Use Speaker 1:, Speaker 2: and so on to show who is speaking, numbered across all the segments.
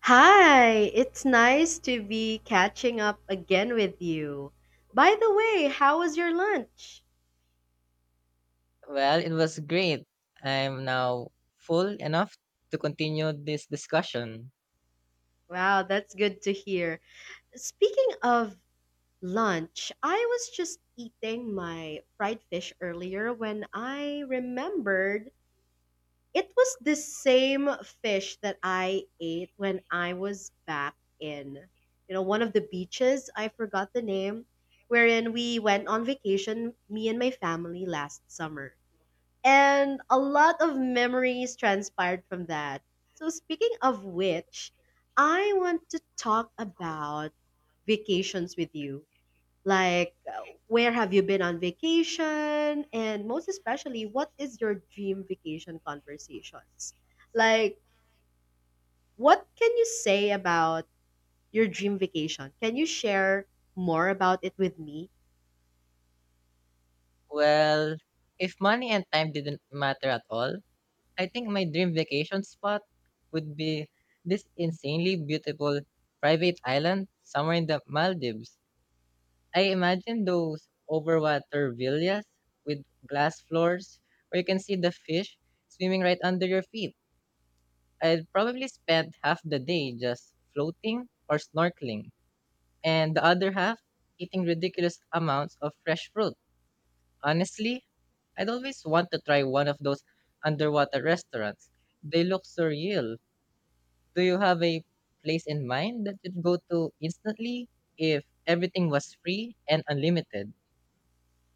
Speaker 1: Hi, it's nice to be catching up again with you. By the way, how was your lunch?
Speaker 2: Well, it was great. I'm now full enough to continue this discussion.
Speaker 1: Wow, that's good to hear. Speaking of lunch, I was just eating my fried fish earlier when I remembered it was the same fish that I ate when I was back in, you know, one of the beaches. I forgot the name, wherein we went on vacation, me and my family last summer. And a lot of memories transpired from that. So, speaking of which, I want to talk about vacations with you. Like, where have you been on vacation? And most especially, what is your dream vacation conversations? Like, what can you say about your dream vacation? Can you share more about it with me?
Speaker 2: Well, if money and time didn't matter at all, I think my dream vacation spot would be this insanely beautiful private island somewhere in the Maldives. I imagine those overwater villas with glass floors where you can see the fish swimming right under your feet. I'd probably spend half the day just floating or snorkeling and the other half eating ridiculous amounts of fresh fruit. Honestly, I'd always want to try one of those underwater restaurants. They look surreal. Do you have a place in mind that you'd go to instantly if everything was free and unlimited?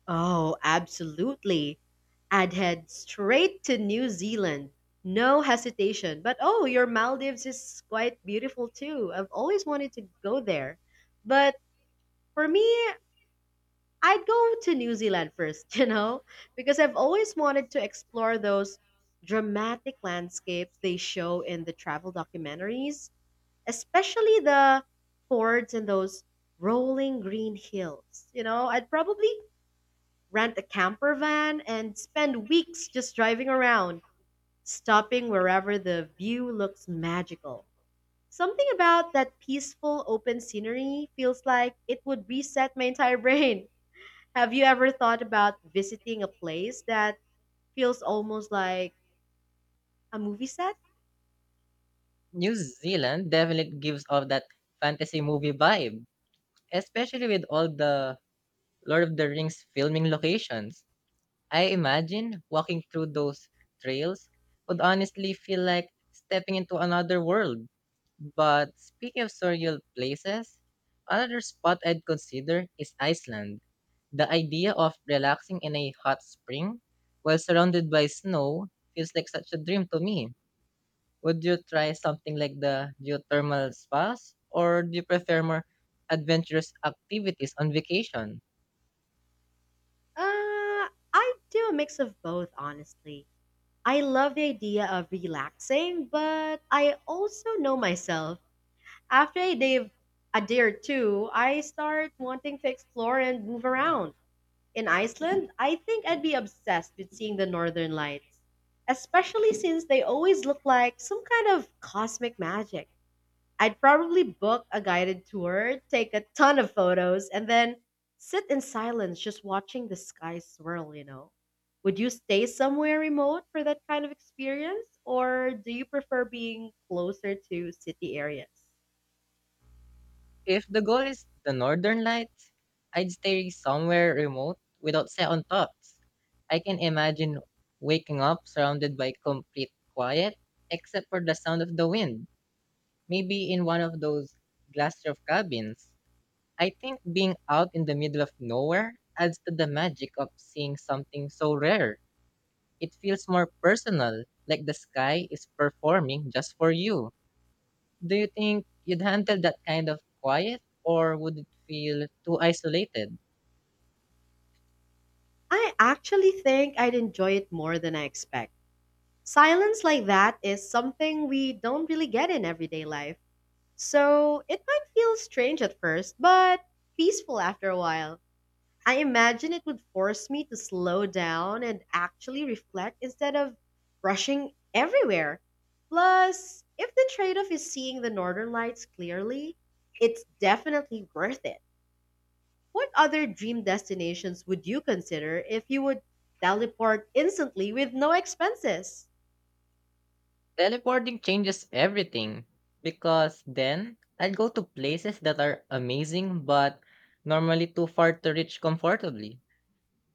Speaker 1: Oh, absolutely. I'd head straight to New Zealand. No hesitation. But oh, your Maldives is quite beautiful too. I've always wanted to go there. But for me, I'd go to New Zealand first, you know, because I've always wanted to explore those dramatic landscapes they show in the travel documentaries, especially the fords and those rolling green hills. You know, I'd probably rent a camper van, and spend weeks just driving around, stopping wherever the view looks magical. Something about that peaceful, open scenery feels like it would reset my entire brain. Have you ever thought about visiting a place that feels almost like a movie set?
Speaker 2: New Zealand definitely gives off that fantasy movie vibe, especially with all the Lord of the Rings filming locations. I imagine walking through those trails would honestly feel like stepping into another world. But speaking of surreal places, another spot I'd consider is Iceland. The idea of relaxing in a hot spring while surrounded by snow feels like such a dream to me. Would you try something like the geothermal spas, or do you prefer more adventurous activities on vacation?
Speaker 1: Uh, I do a mix of both, honestly. I love the idea of relaxing, but I also know myself. After I dive a day or two, I start wanting to explore and move around. In Iceland, I think I'd be obsessed with seeing the northern lights, especially since they always look like some kind of cosmic magic. I'd probably book a guided tour, take a ton of photos, and then sit in silence just watching the sky swirl, you know. Would you stay somewhere remote for that kind of experience, or do you prefer being closer to city areas?
Speaker 2: If the goal is the Northern Lights, I'd stay somewhere remote without second thoughts. I can imagine waking up surrounded by complete quiet, except for the sound of the wind, maybe in one of those glass roof cabins. I think being out in the middle of nowhere adds to the magic of seeing something so rare. It feels more personal, like the sky is performing just for you. Do you think you'd handle that kind of quiet, or would it feel too isolated?
Speaker 1: I actually think I'd enjoy it more than I expect. Silence like that is something we don't really get in everyday life. So it might feel strange at first, but peaceful after a while. I imagine it would force me to slow down and actually reflect instead of rushing everywhere. Plus, if the trade off is seeing the northern lights clearly, it's definitely worth it. What other dream destinations would you consider if you would teleport instantly with no expenses?
Speaker 2: Teleporting changes everything because then I'd go to places that are amazing but normally too far to reach comfortably.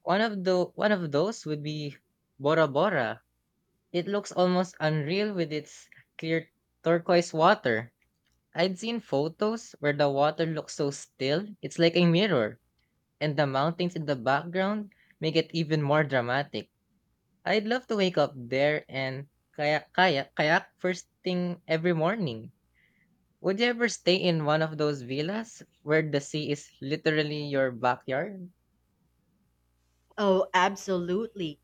Speaker 2: One of those would be Bora Bora. It looks almost unreal with its clear turquoise water. I'd seen photos where the water looks so still, it's like a mirror, and the mountains in the background make it even more dramatic. I'd love to wake up there and kayak first thing every morning. Would you ever stay in one of those villas where the sea is literally your backyard?
Speaker 1: Oh, absolutely.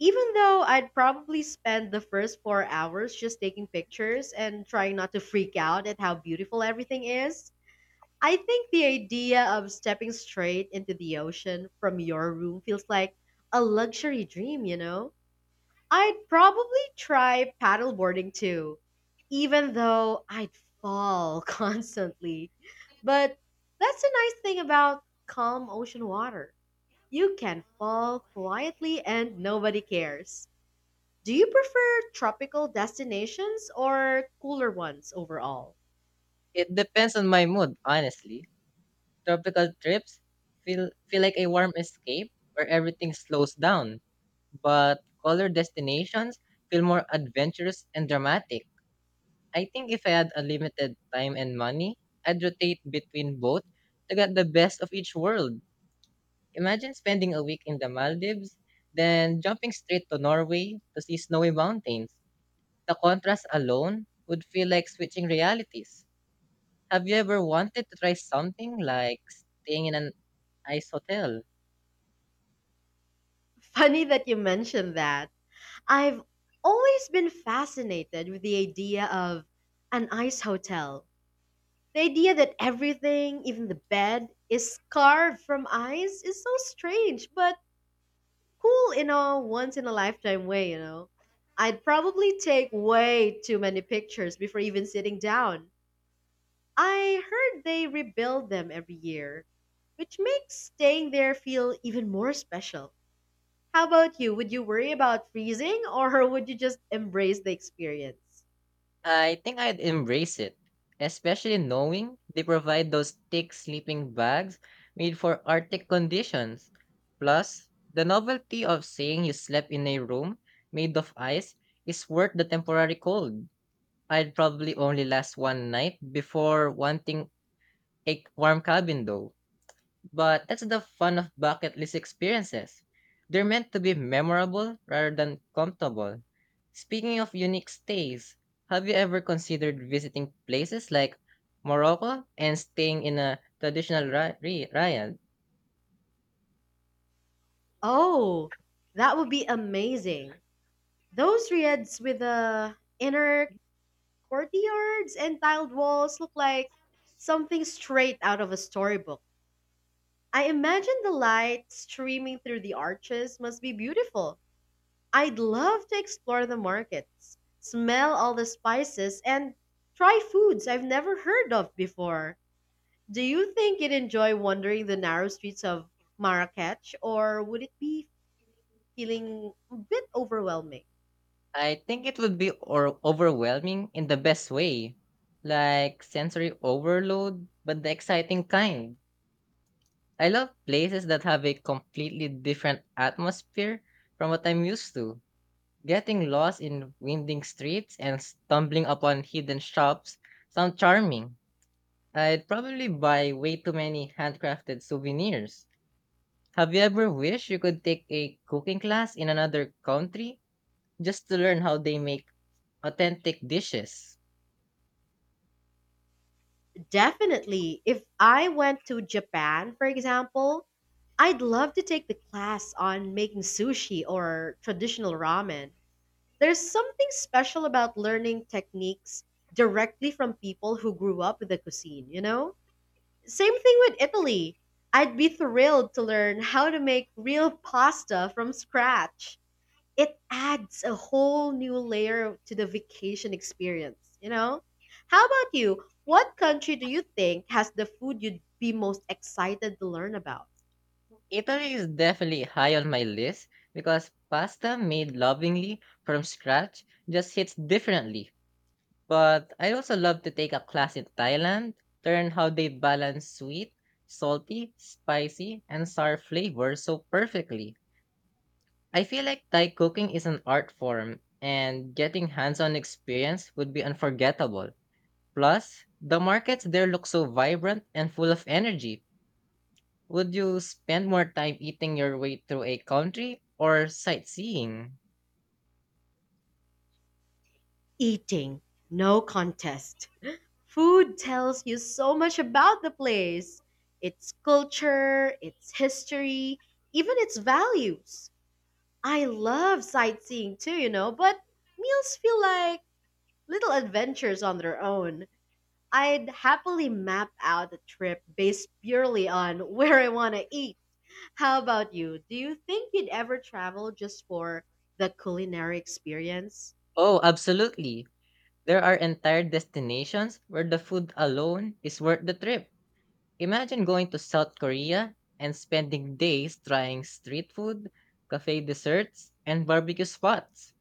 Speaker 1: Even though I'd probably spend the first 4 hours just taking pictures and trying not to freak out at how beautiful everything is, I think the idea of stepping straight into the ocean from your room feels like a luxury dream, you know? I'd probably try paddleboarding too, even though I'd fall constantly. But that's the nice thing about calm ocean water. You can fall quietly and nobody cares. Do you prefer tropical destinations or cooler ones overall?
Speaker 2: It depends on my mood, honestly. Tropical trips feel like a warm escape where everything slows down, but color destinations feel more adventurous and dramatic. I think if I had unlimited time and money, I'd rotate between both to get the best of each world. Imagine spending a week in the Maldives, then jumping straight to Norway to see snowy mountains. The contrast alone would feel like switching realities. Have you ever wanted to try something like staying in an ice hotel?
Speaker 1: Funny that you mentioned that. I've always been fascinated with the idea of an ice hotel. The idea that everything, even the bed, is carved from ice is so strange, but cool in a once in a lifetime way, you know. I'd probably take way too many pictures before even sitting down. I heard they rebuild them every year, which makes staying there feel even more special. How about you? Would you worry about freezing or would you just embrace the experience?
Speaker 2: I think I'd embrace it, especially knowing they provide those thick sleeping bags made for Arctic conditions. Plus, the novelty of saying you slept in a room made of ice is worth the temporary cold. I'd probably only last one night before wanting a warm cabin, though. But that's the fun of bucket list experiences. They're meant to be memorable rather than comfortable. Speaking of unique stays, have you ever considered visiting places like Morocco and staying in a traditional riad?
Speaker 1: Oh, that would be amazing. Those riads with the inner courtyards and tiled walls look like something straight out of a storybook. I imagine the light streaming through the arches must be beautiful. I'd love to explore the markets, smell all the spices, and try foods I've never heard of before. Do you think you'd enjoy wandering the narrow streets of Marrakech, or would it be feeling a bit overwhelming?
Speaker 2: I think it would be overwhelming in the best way, like sensory overload, but the exciting kind. I love places that have a completely different atmosphere from what I'm used to. Getting lost in winding streets and stumbling upon hidden shops sound charming. I'd probably buy way too many handcrafted souvenirs. Have you ever wished you could take a cooking class in another country just to learn how they make authentic dishes?
Speaker 1: Definitely. If I went to Japan, for example, I'd love to take the class on making sushi or traditional ramen. There's something special about learning techniques directly from people who grew up with the cuisine, you know? Same thing with Italy. I'd be thrilled to learn how to make real pasta from scratch. It adds a whole new layer to the vacation experience, you know? How about you? What country do you think has the food you'd be most excited to learn about?
Speaker 2: Italy is definitely high on my list because pasta made lovingly from scratch just hits differently. But I also love to take a class in Thailand, to learn how they balance sweet, salty, spicy, and sour flavors so perfectly. I feel like Thai cooking is an art form, and getting hands on experience would be unforgettable. Plus, the markets there look so vibrant and full of energy. Would you spend more time eating your way through a country or sightseeing?
Speaker 1: Eating, no contest. Food tells you so much about the place, its culture, its history, even its values. I love sightseeing too, you know, but meals feel like little adventures on their own. I'd happily map out a trip based purely on where I want to eat. How about you? Do you think you'd ever travel just for the culinary experience?
Speaker 2: Oh, absolutely. There are entire destinations where the food alone is worth the trip. Imagine going to South Korea and spending days trying street food, cafe desserts, and barbecue spots.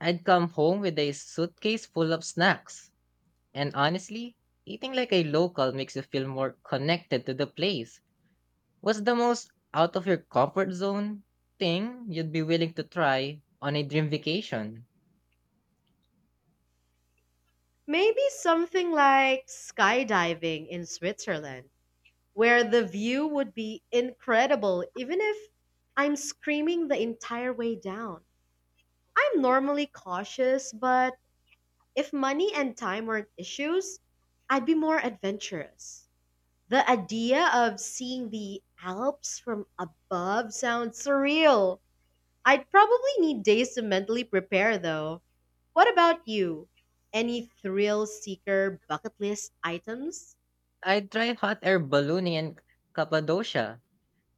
Speaker 2: I'd come home with a suitcase full of snacks. And honestly, eating like a local makes you feel more connected to the place. What's the most out of your comfort zone thing you'd be willing to try on a dream vacation?
Speaker 1: Maybe something like skydiving in Switzerland, where the view would be incredible even if I'm screaming the entire way down. I'm normally cautious, but if money and time weren't issues, I'd be more adventurous. The idea of seeing the Alps from above sounds surreal. I'd probably need days to mentally prepare, though. What about you? Any thrill seeker bucket list items?
Speaker 2: I'd try hot air ballooning in Cappadocia.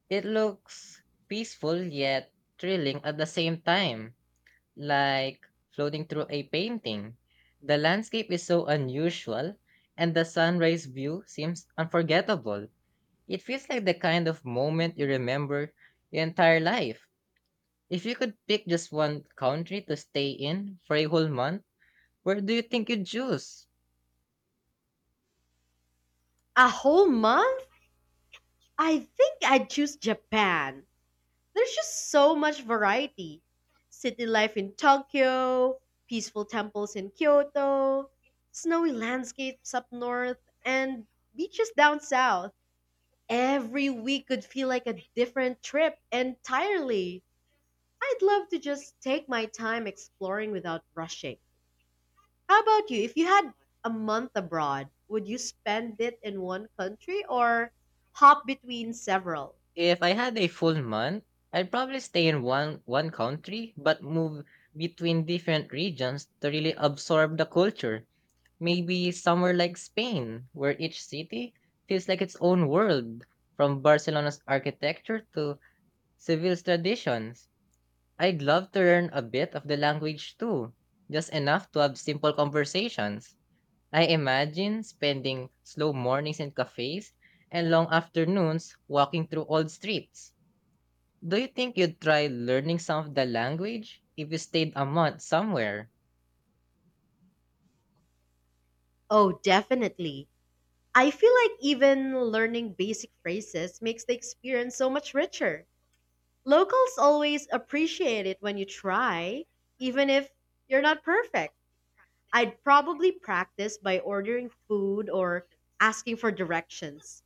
Speaker 2: It looks peaceful yet thrilling at the same time, like floating through a painting. The landscape is so unusual, and the sunrise view seems unforgettable. It feels like the kind of moment you remember your entire life. If you could pick just one country to stay in for a whole month, where do you think you'd choose?
Speaker 1: A whole month? I think I'd choose Japan. There's just so much variety: city life in Tokyo, peaceful temples in Kyoto, snowy landscapes up north, and beaches down south. Every week could feel like a different trip entirely. I'd love to just take my time exploring without rushing. How about you? If you had a month abroad, would you spend it in one country or hop between several?
Speaker 2: If I had a full month, I'd probably stay in one country but move between different regions to really absorb the culture. Maybe somewhere like Spain, where each city feels like its own world, from Barcelona's architecture to Seville's traditions. I'd love to learn a bit of the language too, just enough to have simple conversations. I imagine spending slow mornings in cafes and long afternoons walking through old streets. Do you think you'd try learning some of the language if you stayed a month somewhere?
Speaker 1: Oh, definitely. I feel like even learning basic phrases makes the experience so much richer. Locals always appreciate it when you try, even if you're not perfect. I'd probably practice by ordering food or asking for directions,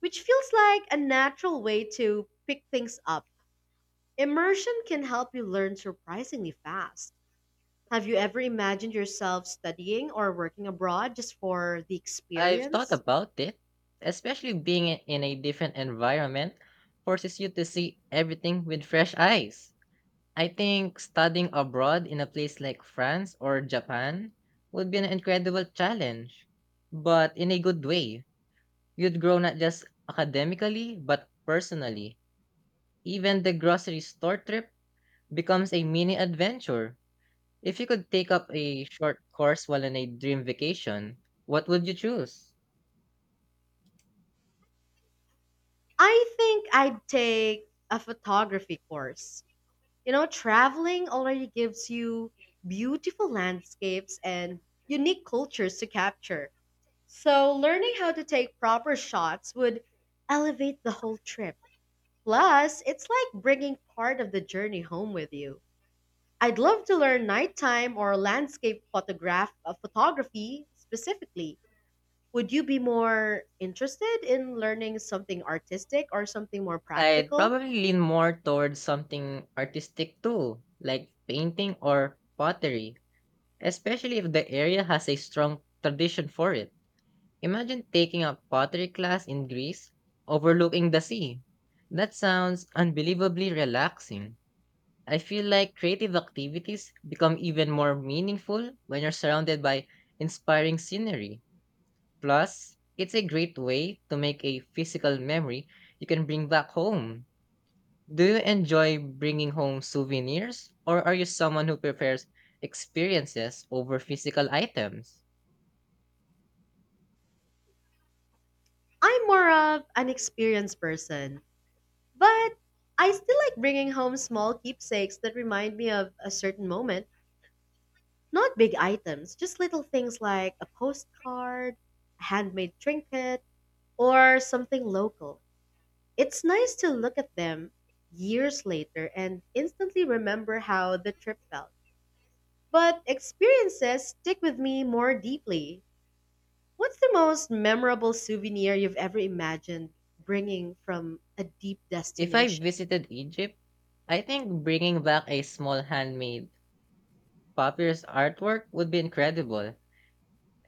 Speaker 1: which feels like a natural way to pick things up. Immersion can help you learn surprisingly fast. Have you ever imagined yourself studying or working abroad just for the
Speaker 2: I've thought
Speaker 1: experience?
Speaker 2: about it, especially being in a different environment forces you to see everything with fresh eyes. I think studying abroad in a place like France or Japan would be an incredible challenge, but in a good way. You'd grow not just academically, but personally. Even the grocery store trip becomes a mini adventure. If you could take up a short course while on a dream vacation, what would you choose?
Speaker 1: I think I'd take a photography course. You know, traveling already gives you beautiful landscapes and unique cultures to capture. So, learning how to take proper shots would elevate the whole trip. Plus, it's like bringing part of the journey home with you. I'd love to learn nighttime or landscape photography specifically. Would you be more interested in learning something artistic or something more
Speaker 2: I'd
Speaker 1: practical?
Speaker 2: probably lean more towards something artistic too, like painting or pottery, especially if the area has a strong tradition for it. Imagine taking a pottery class in Greece, overlooking the sea. That sounds unbelievably relaxing. I feel like creative activities become even more meaningful when you're surrounded by inspiring scenery. Plus, it's a great way to make a physical memory you can bring back home. Do you enjoy bringing home souvenirs, or are you someone who prefers experiences over physical items?
Speaker 1: I'm more of an experienced person, but I still like bringing home small keepsakes that remind me of a certain moment. Not big items, just little things like a postcard, a handmade trinket, or something local. It's nice to look at them years later and instantly remember how the trip felt. But experiences stick with me more deeply. What's the most memorable souvenir you've ever imagined bringing from a deep
Speaker 2: If I
Speaker 1: destination?
Speaker 2: visited Egypt, I think bringing back a small handmade papyrus artwork would be incredible,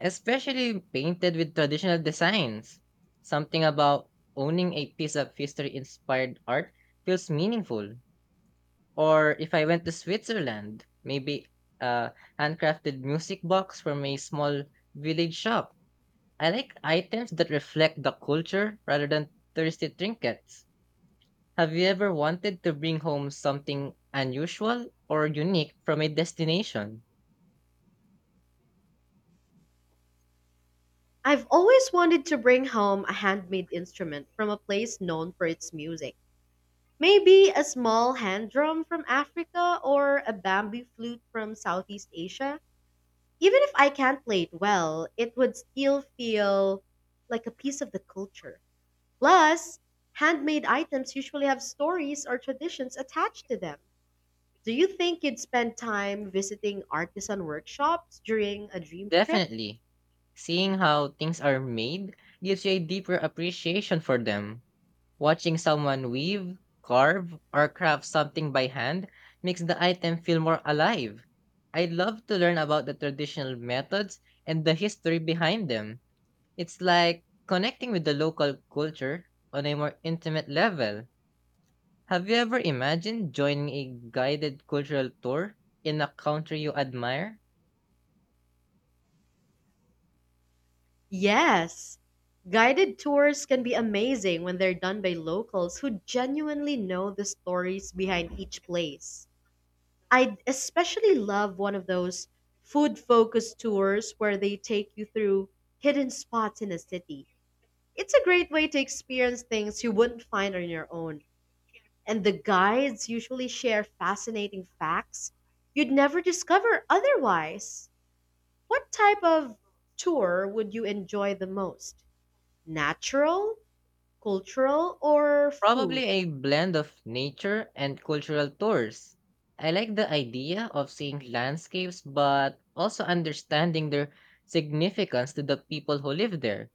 Speaker 2: especially painted with traditional designs. Something about owning a piece of history inspired art feels meaningful. Or if I went to Switzerland, maybe a handcrafted music box from a small village shop. I like items that reflect the culture rather than thirsty trinkets. Have you ever wanted to bring home something unusual or unique from a destination?
Speaker 1: I've always wanted to bring home a handmade instrument from a place known for its music. Maybe a small hand drum from Africa or a bamboo flute from Southeast Asia. Even if I can't play it well, it would still feel like a piece of the culture. Plus, handmade items usually have stories or traditions attached to them. Do you think you'd spend time visiting artisan workshops during a dream trip?
Speaker 2: Definitely. Seeing how things are made gives you a deeper appreciation for them. Watching someone weave, carve, or craft something by hand makes the item feel more alive. I'd love to learn about the traditional methods and the history behind them. It's like connecting with the local culture on a more intimate level. Have you ever imagined joining a guided cultural tour in a country you admire?
Speaker 1: Yes. Guided tours can be amazing when they're done by locals who genuinely know the stories behind each place. I especially love one of those food focused tours where they take you through hidden spots in the city. It's a great way to experience things you wouldn't find on your own. And the guides usually share fascinating facts you'd never discover otherwise. What type of tour would you enjoy the most? Natural, cultural, or
Speaker 2: Probably
Speaker 1: food?
Speaker 2: a blend of nature and cultural tours. I like the idea of seeing landscapes but also understanding their significance to the people who live there.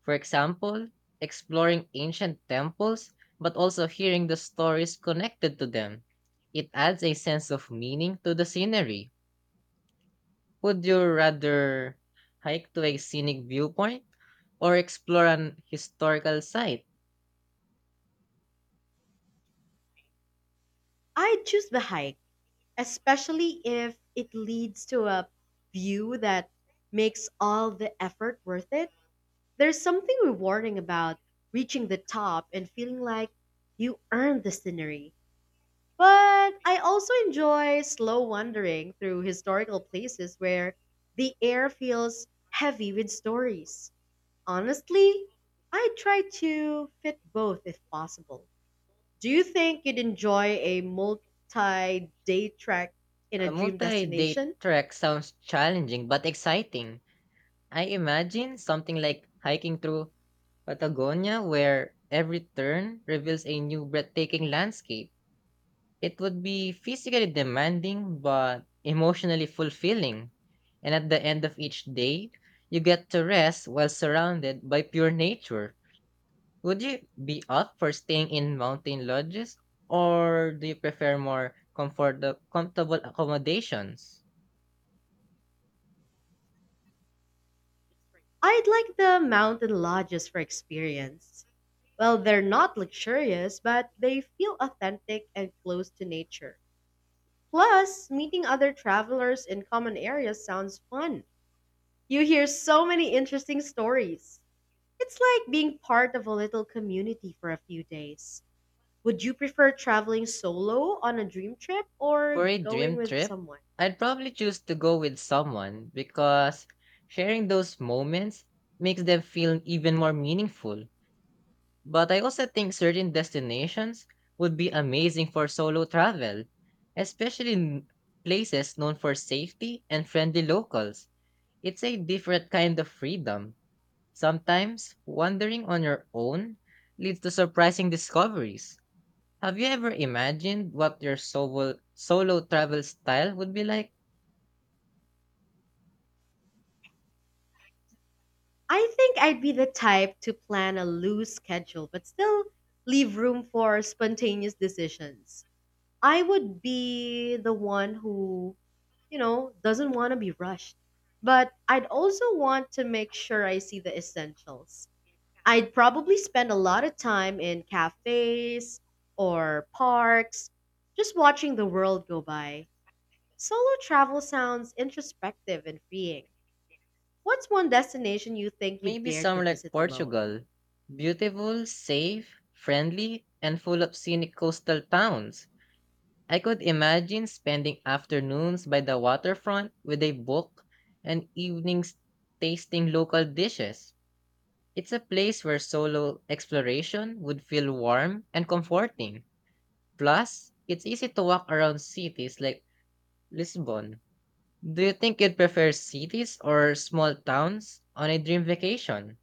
Speaker 2: For example, exploring ancient temples, but also hearing the stories connected to them. It adds a sense of meaning to the scenery. Would you rather hike to a scenic viewpoint or explore an historical site?
Speaker 1: I'd choose the hike, especially if it leads to a view that makes all the effort worth it. There's something rewarding about reaching the top and feeling like you earned the scenery. But I also enjoy slow wandering through historical places where the air feels heavy with stories. Honestly, I try to fit both if possible. Do you think you'd enjoy a multi-day trek in a
Speaker 2: A
Speaker 1: dream
Speaker 2: multi day
Speaker 1: destination?
Speaker 2: trek sounds challenging but exciting. I imagine something like hiking through Patagonia, where every turn reveals a new breathtaking landscape. It would be physically demanding, but emotionally fulfilling. And at the end of each day, you get to rest while surrounded by pure nature. Would you be up for staying in mountain lodges, or do you prefer more comfortable accommodations?
Speaker 1: I'd like the mountain lodges for experience. Well, they're not luxurious, but they feel authentic and close to nature. Plus, meeting other travelers in common areas sounds fun. You hear so many interesting stories. It's like being part of a little community for a few days. Would you prefer traveling solo on a dream trip
Speaker 2: For
Speaker 1: or
Speaker 2: a
Speaker 1: going
Speaker 2: dream
Speaker 1: with
Speaker 2: trip,
Speaker 1: someone?
Speaker 2: I'd probably choose to go with someone because sharing those moments makes them feel even more meaningful. But I also think certain destinations would be amazing for solo travel, especially places known for safety and friendly locals. It's a different kind of freedom. Sometimes wandering on your own leads to surprising discoveries. Have you ever imagined what your solo travel style would be like?
Speaker 1: I think I'd be the type to plan a loose schedule, but still leave room for spontaneous decisions. I would be the one who, you know, doesn't want to be rushed. But I'd also want to make sure I see the essentials. I'd probably spend a lot of time in cafes or parks, just watching the world go by. Solo travel sounds introspective and freeing. What's one destination you think you'd
Speaker 2: Maybe
Speaker 1: dare to
Speaker 2: somewhere like
Speaker 1: visit alone?
Speaker 2: Portugal. Beautiful, safe, friendly, and full of scenic coastal towns. I could imagine spending afternoons by the waterfront with a book and evenings tasting local dishes. It's a place where solo exploration would feel warm and comforting. Plus, it's easy to walk around cities like Lisbon. Do you think you'd prefer cities or small towns on a dream vacation?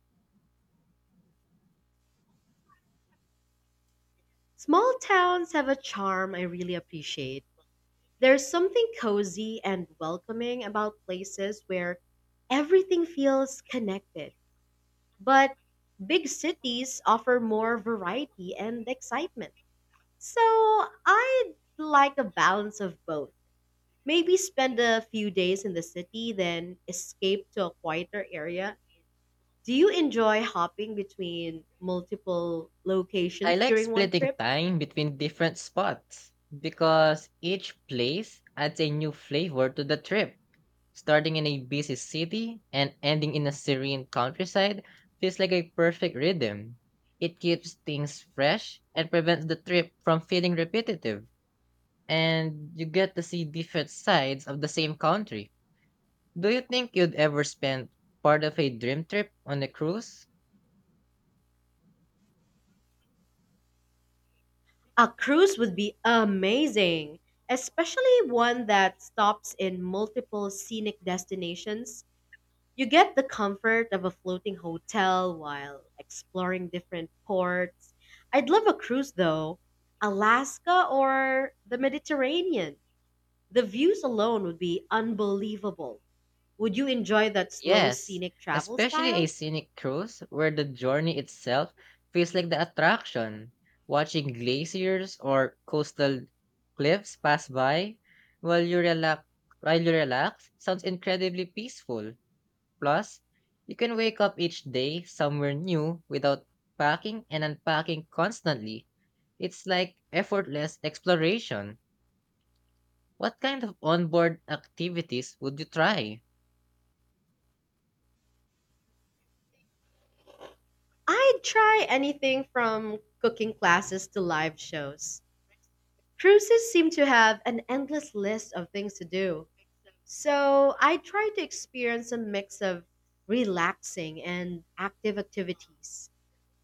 Speaker 1: Small towns have a charm I really appreciate. There's something cozy and welcoming about places where everything feels connected. But big cities offer more variety and excitement. So I'd like a balance of both. Maybe spend a few days in the city, then escape to a quieter area. Do you enjoy hopping between multiple
Speaker 2: I
Speaker 1: locations
Speaker 2: like
Speaker 1: during one
Speaker 2: splitting
Speaker 1: trip?
Speaker 2: time between different spots because each place adds a new flavor to the trip. Starting in a busy city and ending in a serene countryside feels like a perfect rhythm. It keeps things fresh and prevents the trip from feeling repetitive, and you get to see different sides of the same country. Do you think you'd ever spend part of a dream trip on a cruise?
Speaker 1: A cruise would be amazing, especially one that stops in multiple scenic destinations. You get the comfort of a floating hotel while exploring different ports. I'd love a cruise though, Alaska or the Mediterranean. The views alone would be unbelievable. Would you enjoy that slow
Speaker 2: Yes,
Speaker 1: scenic travel
Speaker 2: especially a
Speaker 1: style?
Speaker 2: scenic cruise where the journey itself feels like the attraction. Watching glaciers or coastal cliffs pass by while you relax while you relax sounds incredibly peaceful. Plus, you can wake up each day somewhere new without packing and unpacking constantly. It's like effortless exploration. What kind of onboard activities would you try?
Speaker 1: I'd try anything from cooking classes to live shows. Cruises seem to have an endless list of things to do. So I try to experience a mix of relaxing and active activities.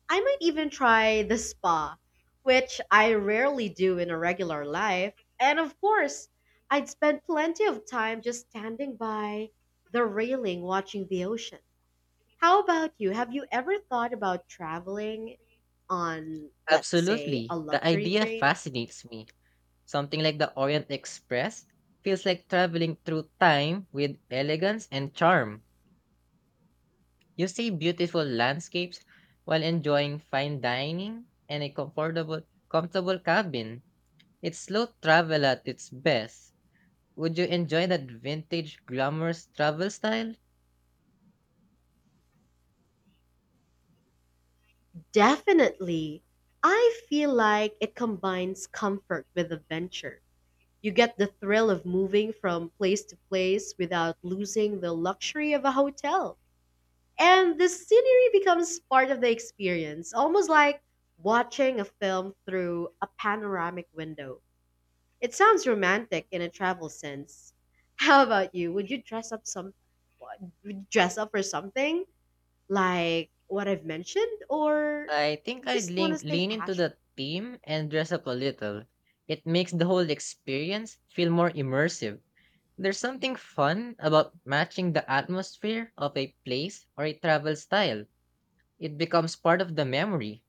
Speaker 1: I might even try the spa, which I rarely do in a regular life. And of course, I'd spend plenty of time just standing by the railing watching the ocean. How about you? Have you ever thought about traveling on, let's say,
Speaker 2: Absolutely.
Speaker 1: a
Speaker 2: The
Speaker 1: luxury
Speaker 2: idea
Speaker 1: train?
Speaker 2: fascinates me. Something like the Orient Express feels like traveling through time with elegance and charm. You see beautiful landscapes while enjoying fine dining and a comfortable cabin. It's slow travel at its best. Would you enjoy that vintage glamorous travel style?
Speaker 1: Definitely. I feel like it combines comfort with adventure. You get the thrill of moving from place to place without losing the luxury of a hotel. And the scenery becomes part of the experience, almost like watching a film through a panoramic window. It sounds romantic in a travel sense. How about you? Would you dress up for something? Like what I've mentioned, or
Speaker 2: I think
Speaker 1: you
Speaker 2: I'd
Speaker 1: just want to
Speaker 2: lean,
Speaker 1: stay
Speaker 2: lean into
Speaker 1: casual?
Speaker 2: the theme and dress up a little. It makes the whole experience feel more immersive. There's something fun about matching the atmosphere of a place or a travel style. It becomes part of the memory.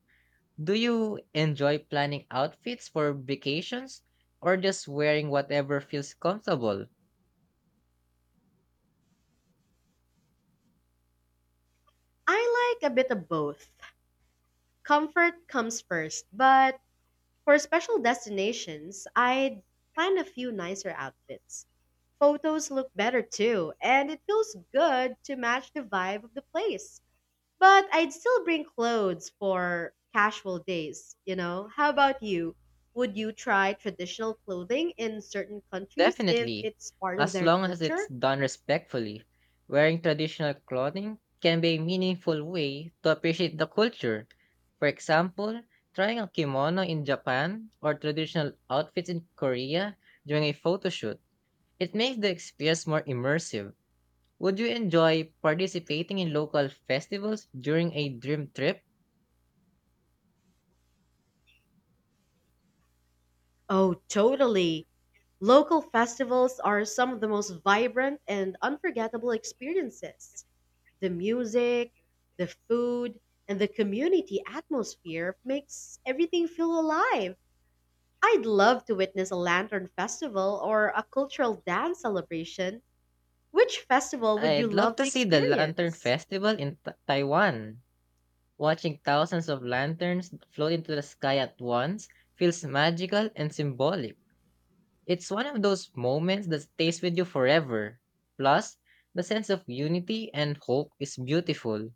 Speaker 2: Do you enjoy planning outfits for vacations or just wearing whatever feels comfortable?
Speaker 1: I like a bit of both. Comfort comes first, but for special destinations, I'd plan a few nicer outfits. Photos look better too, and it feels good to match the vibe of the place. But I'd still bring clothes for casual days? How about you? Would you try traditional clothing in certain countries if
Speaker 2: Definitely,
Speaker 1: it's part of
Speaker 2: as
Speaker 1: their
Speaker 2: long as it's
Speaker 1: culture?
Speaker 2: done respectfully. Wearing traditional clothing can be a meaningful way to appreciate the culture. For example, trying a kimono in Japan or traditional outfits in Korea during a photo shoot. It makes the experience more immersive. Would you enjoy participating in local festivals during a dream trip?
Speaker 1: Oh, totally. Local festivals are some of the most vibrant and unforgettable experiences. The music, the food, and the community atmosphere makes everything feel alive. I'd love to witness a lantern festival or a cultural dance celebration. Which festival would you
Speaker 2: I'd love
Speaker 1: love
Speaker 2: to
Speaker 1: to
Speaker 2: see the Lantern
Speaker 1: experience?
Speaker 2: Festival in Taiwan. Watching thousands of lanterns float into the sky at once feels magical and symbolic. It's one of those moments that stays with you forever. Plus, the sense of unity and hope is beautiful.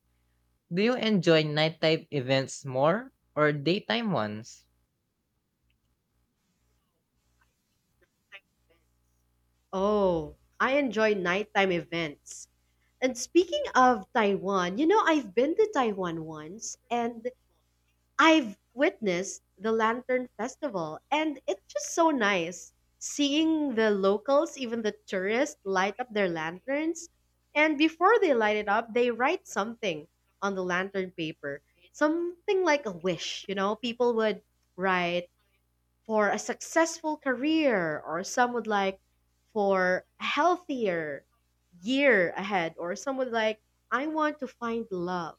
Speaker 2: Do you enjoy nighttime events more or daytime ones?
Speaker 1: Oh, I enjoy nighttime events. And speaking of Taiwan, I've been to Taiwan once, and I've witnessed the Lantern Festival, and it's just so nice seeing the locals, even the tourists, light up their lanterns. And before they light it up, they write something on the lantern paper, something like a wish. People would write for a successful career, or some would like for a healthier year ahead, or some would like, I want to find love,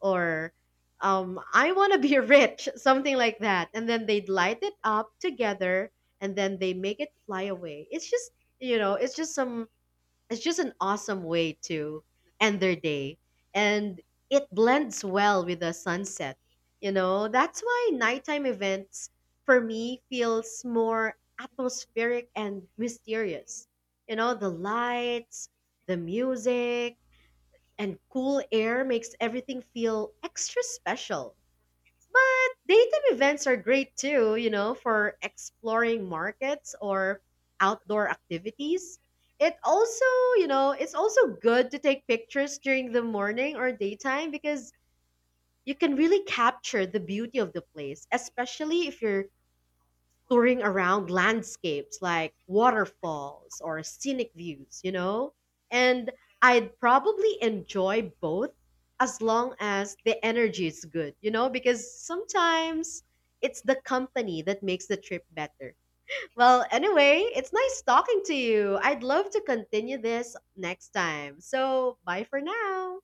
Speaker 1: or I want to be rich, something like that. And then they'd light it up together and then they make it fly away. It's just, you know, it's just some, It's just an awesome way to end their day. And it blends well with the sunset. That's why nighttime events for me feels more atmospheric and mysterious. You know, the lights, the music, and cool air makes everything feel extra special. But daytime events are great too, for exploring markets or outdoor activities. It also, it's also good to take pictures during the morning or daytime because you can really capture the beauty of the place, especially if you're touring around landscapes like waterfalls or scenic views? And I'd probably enjoy both as long as the energy is good? Because sometimes it's the company that makes the trip better. Well, anyway, it's nice talking to you. I'd love to continue this next time. So, bye for now.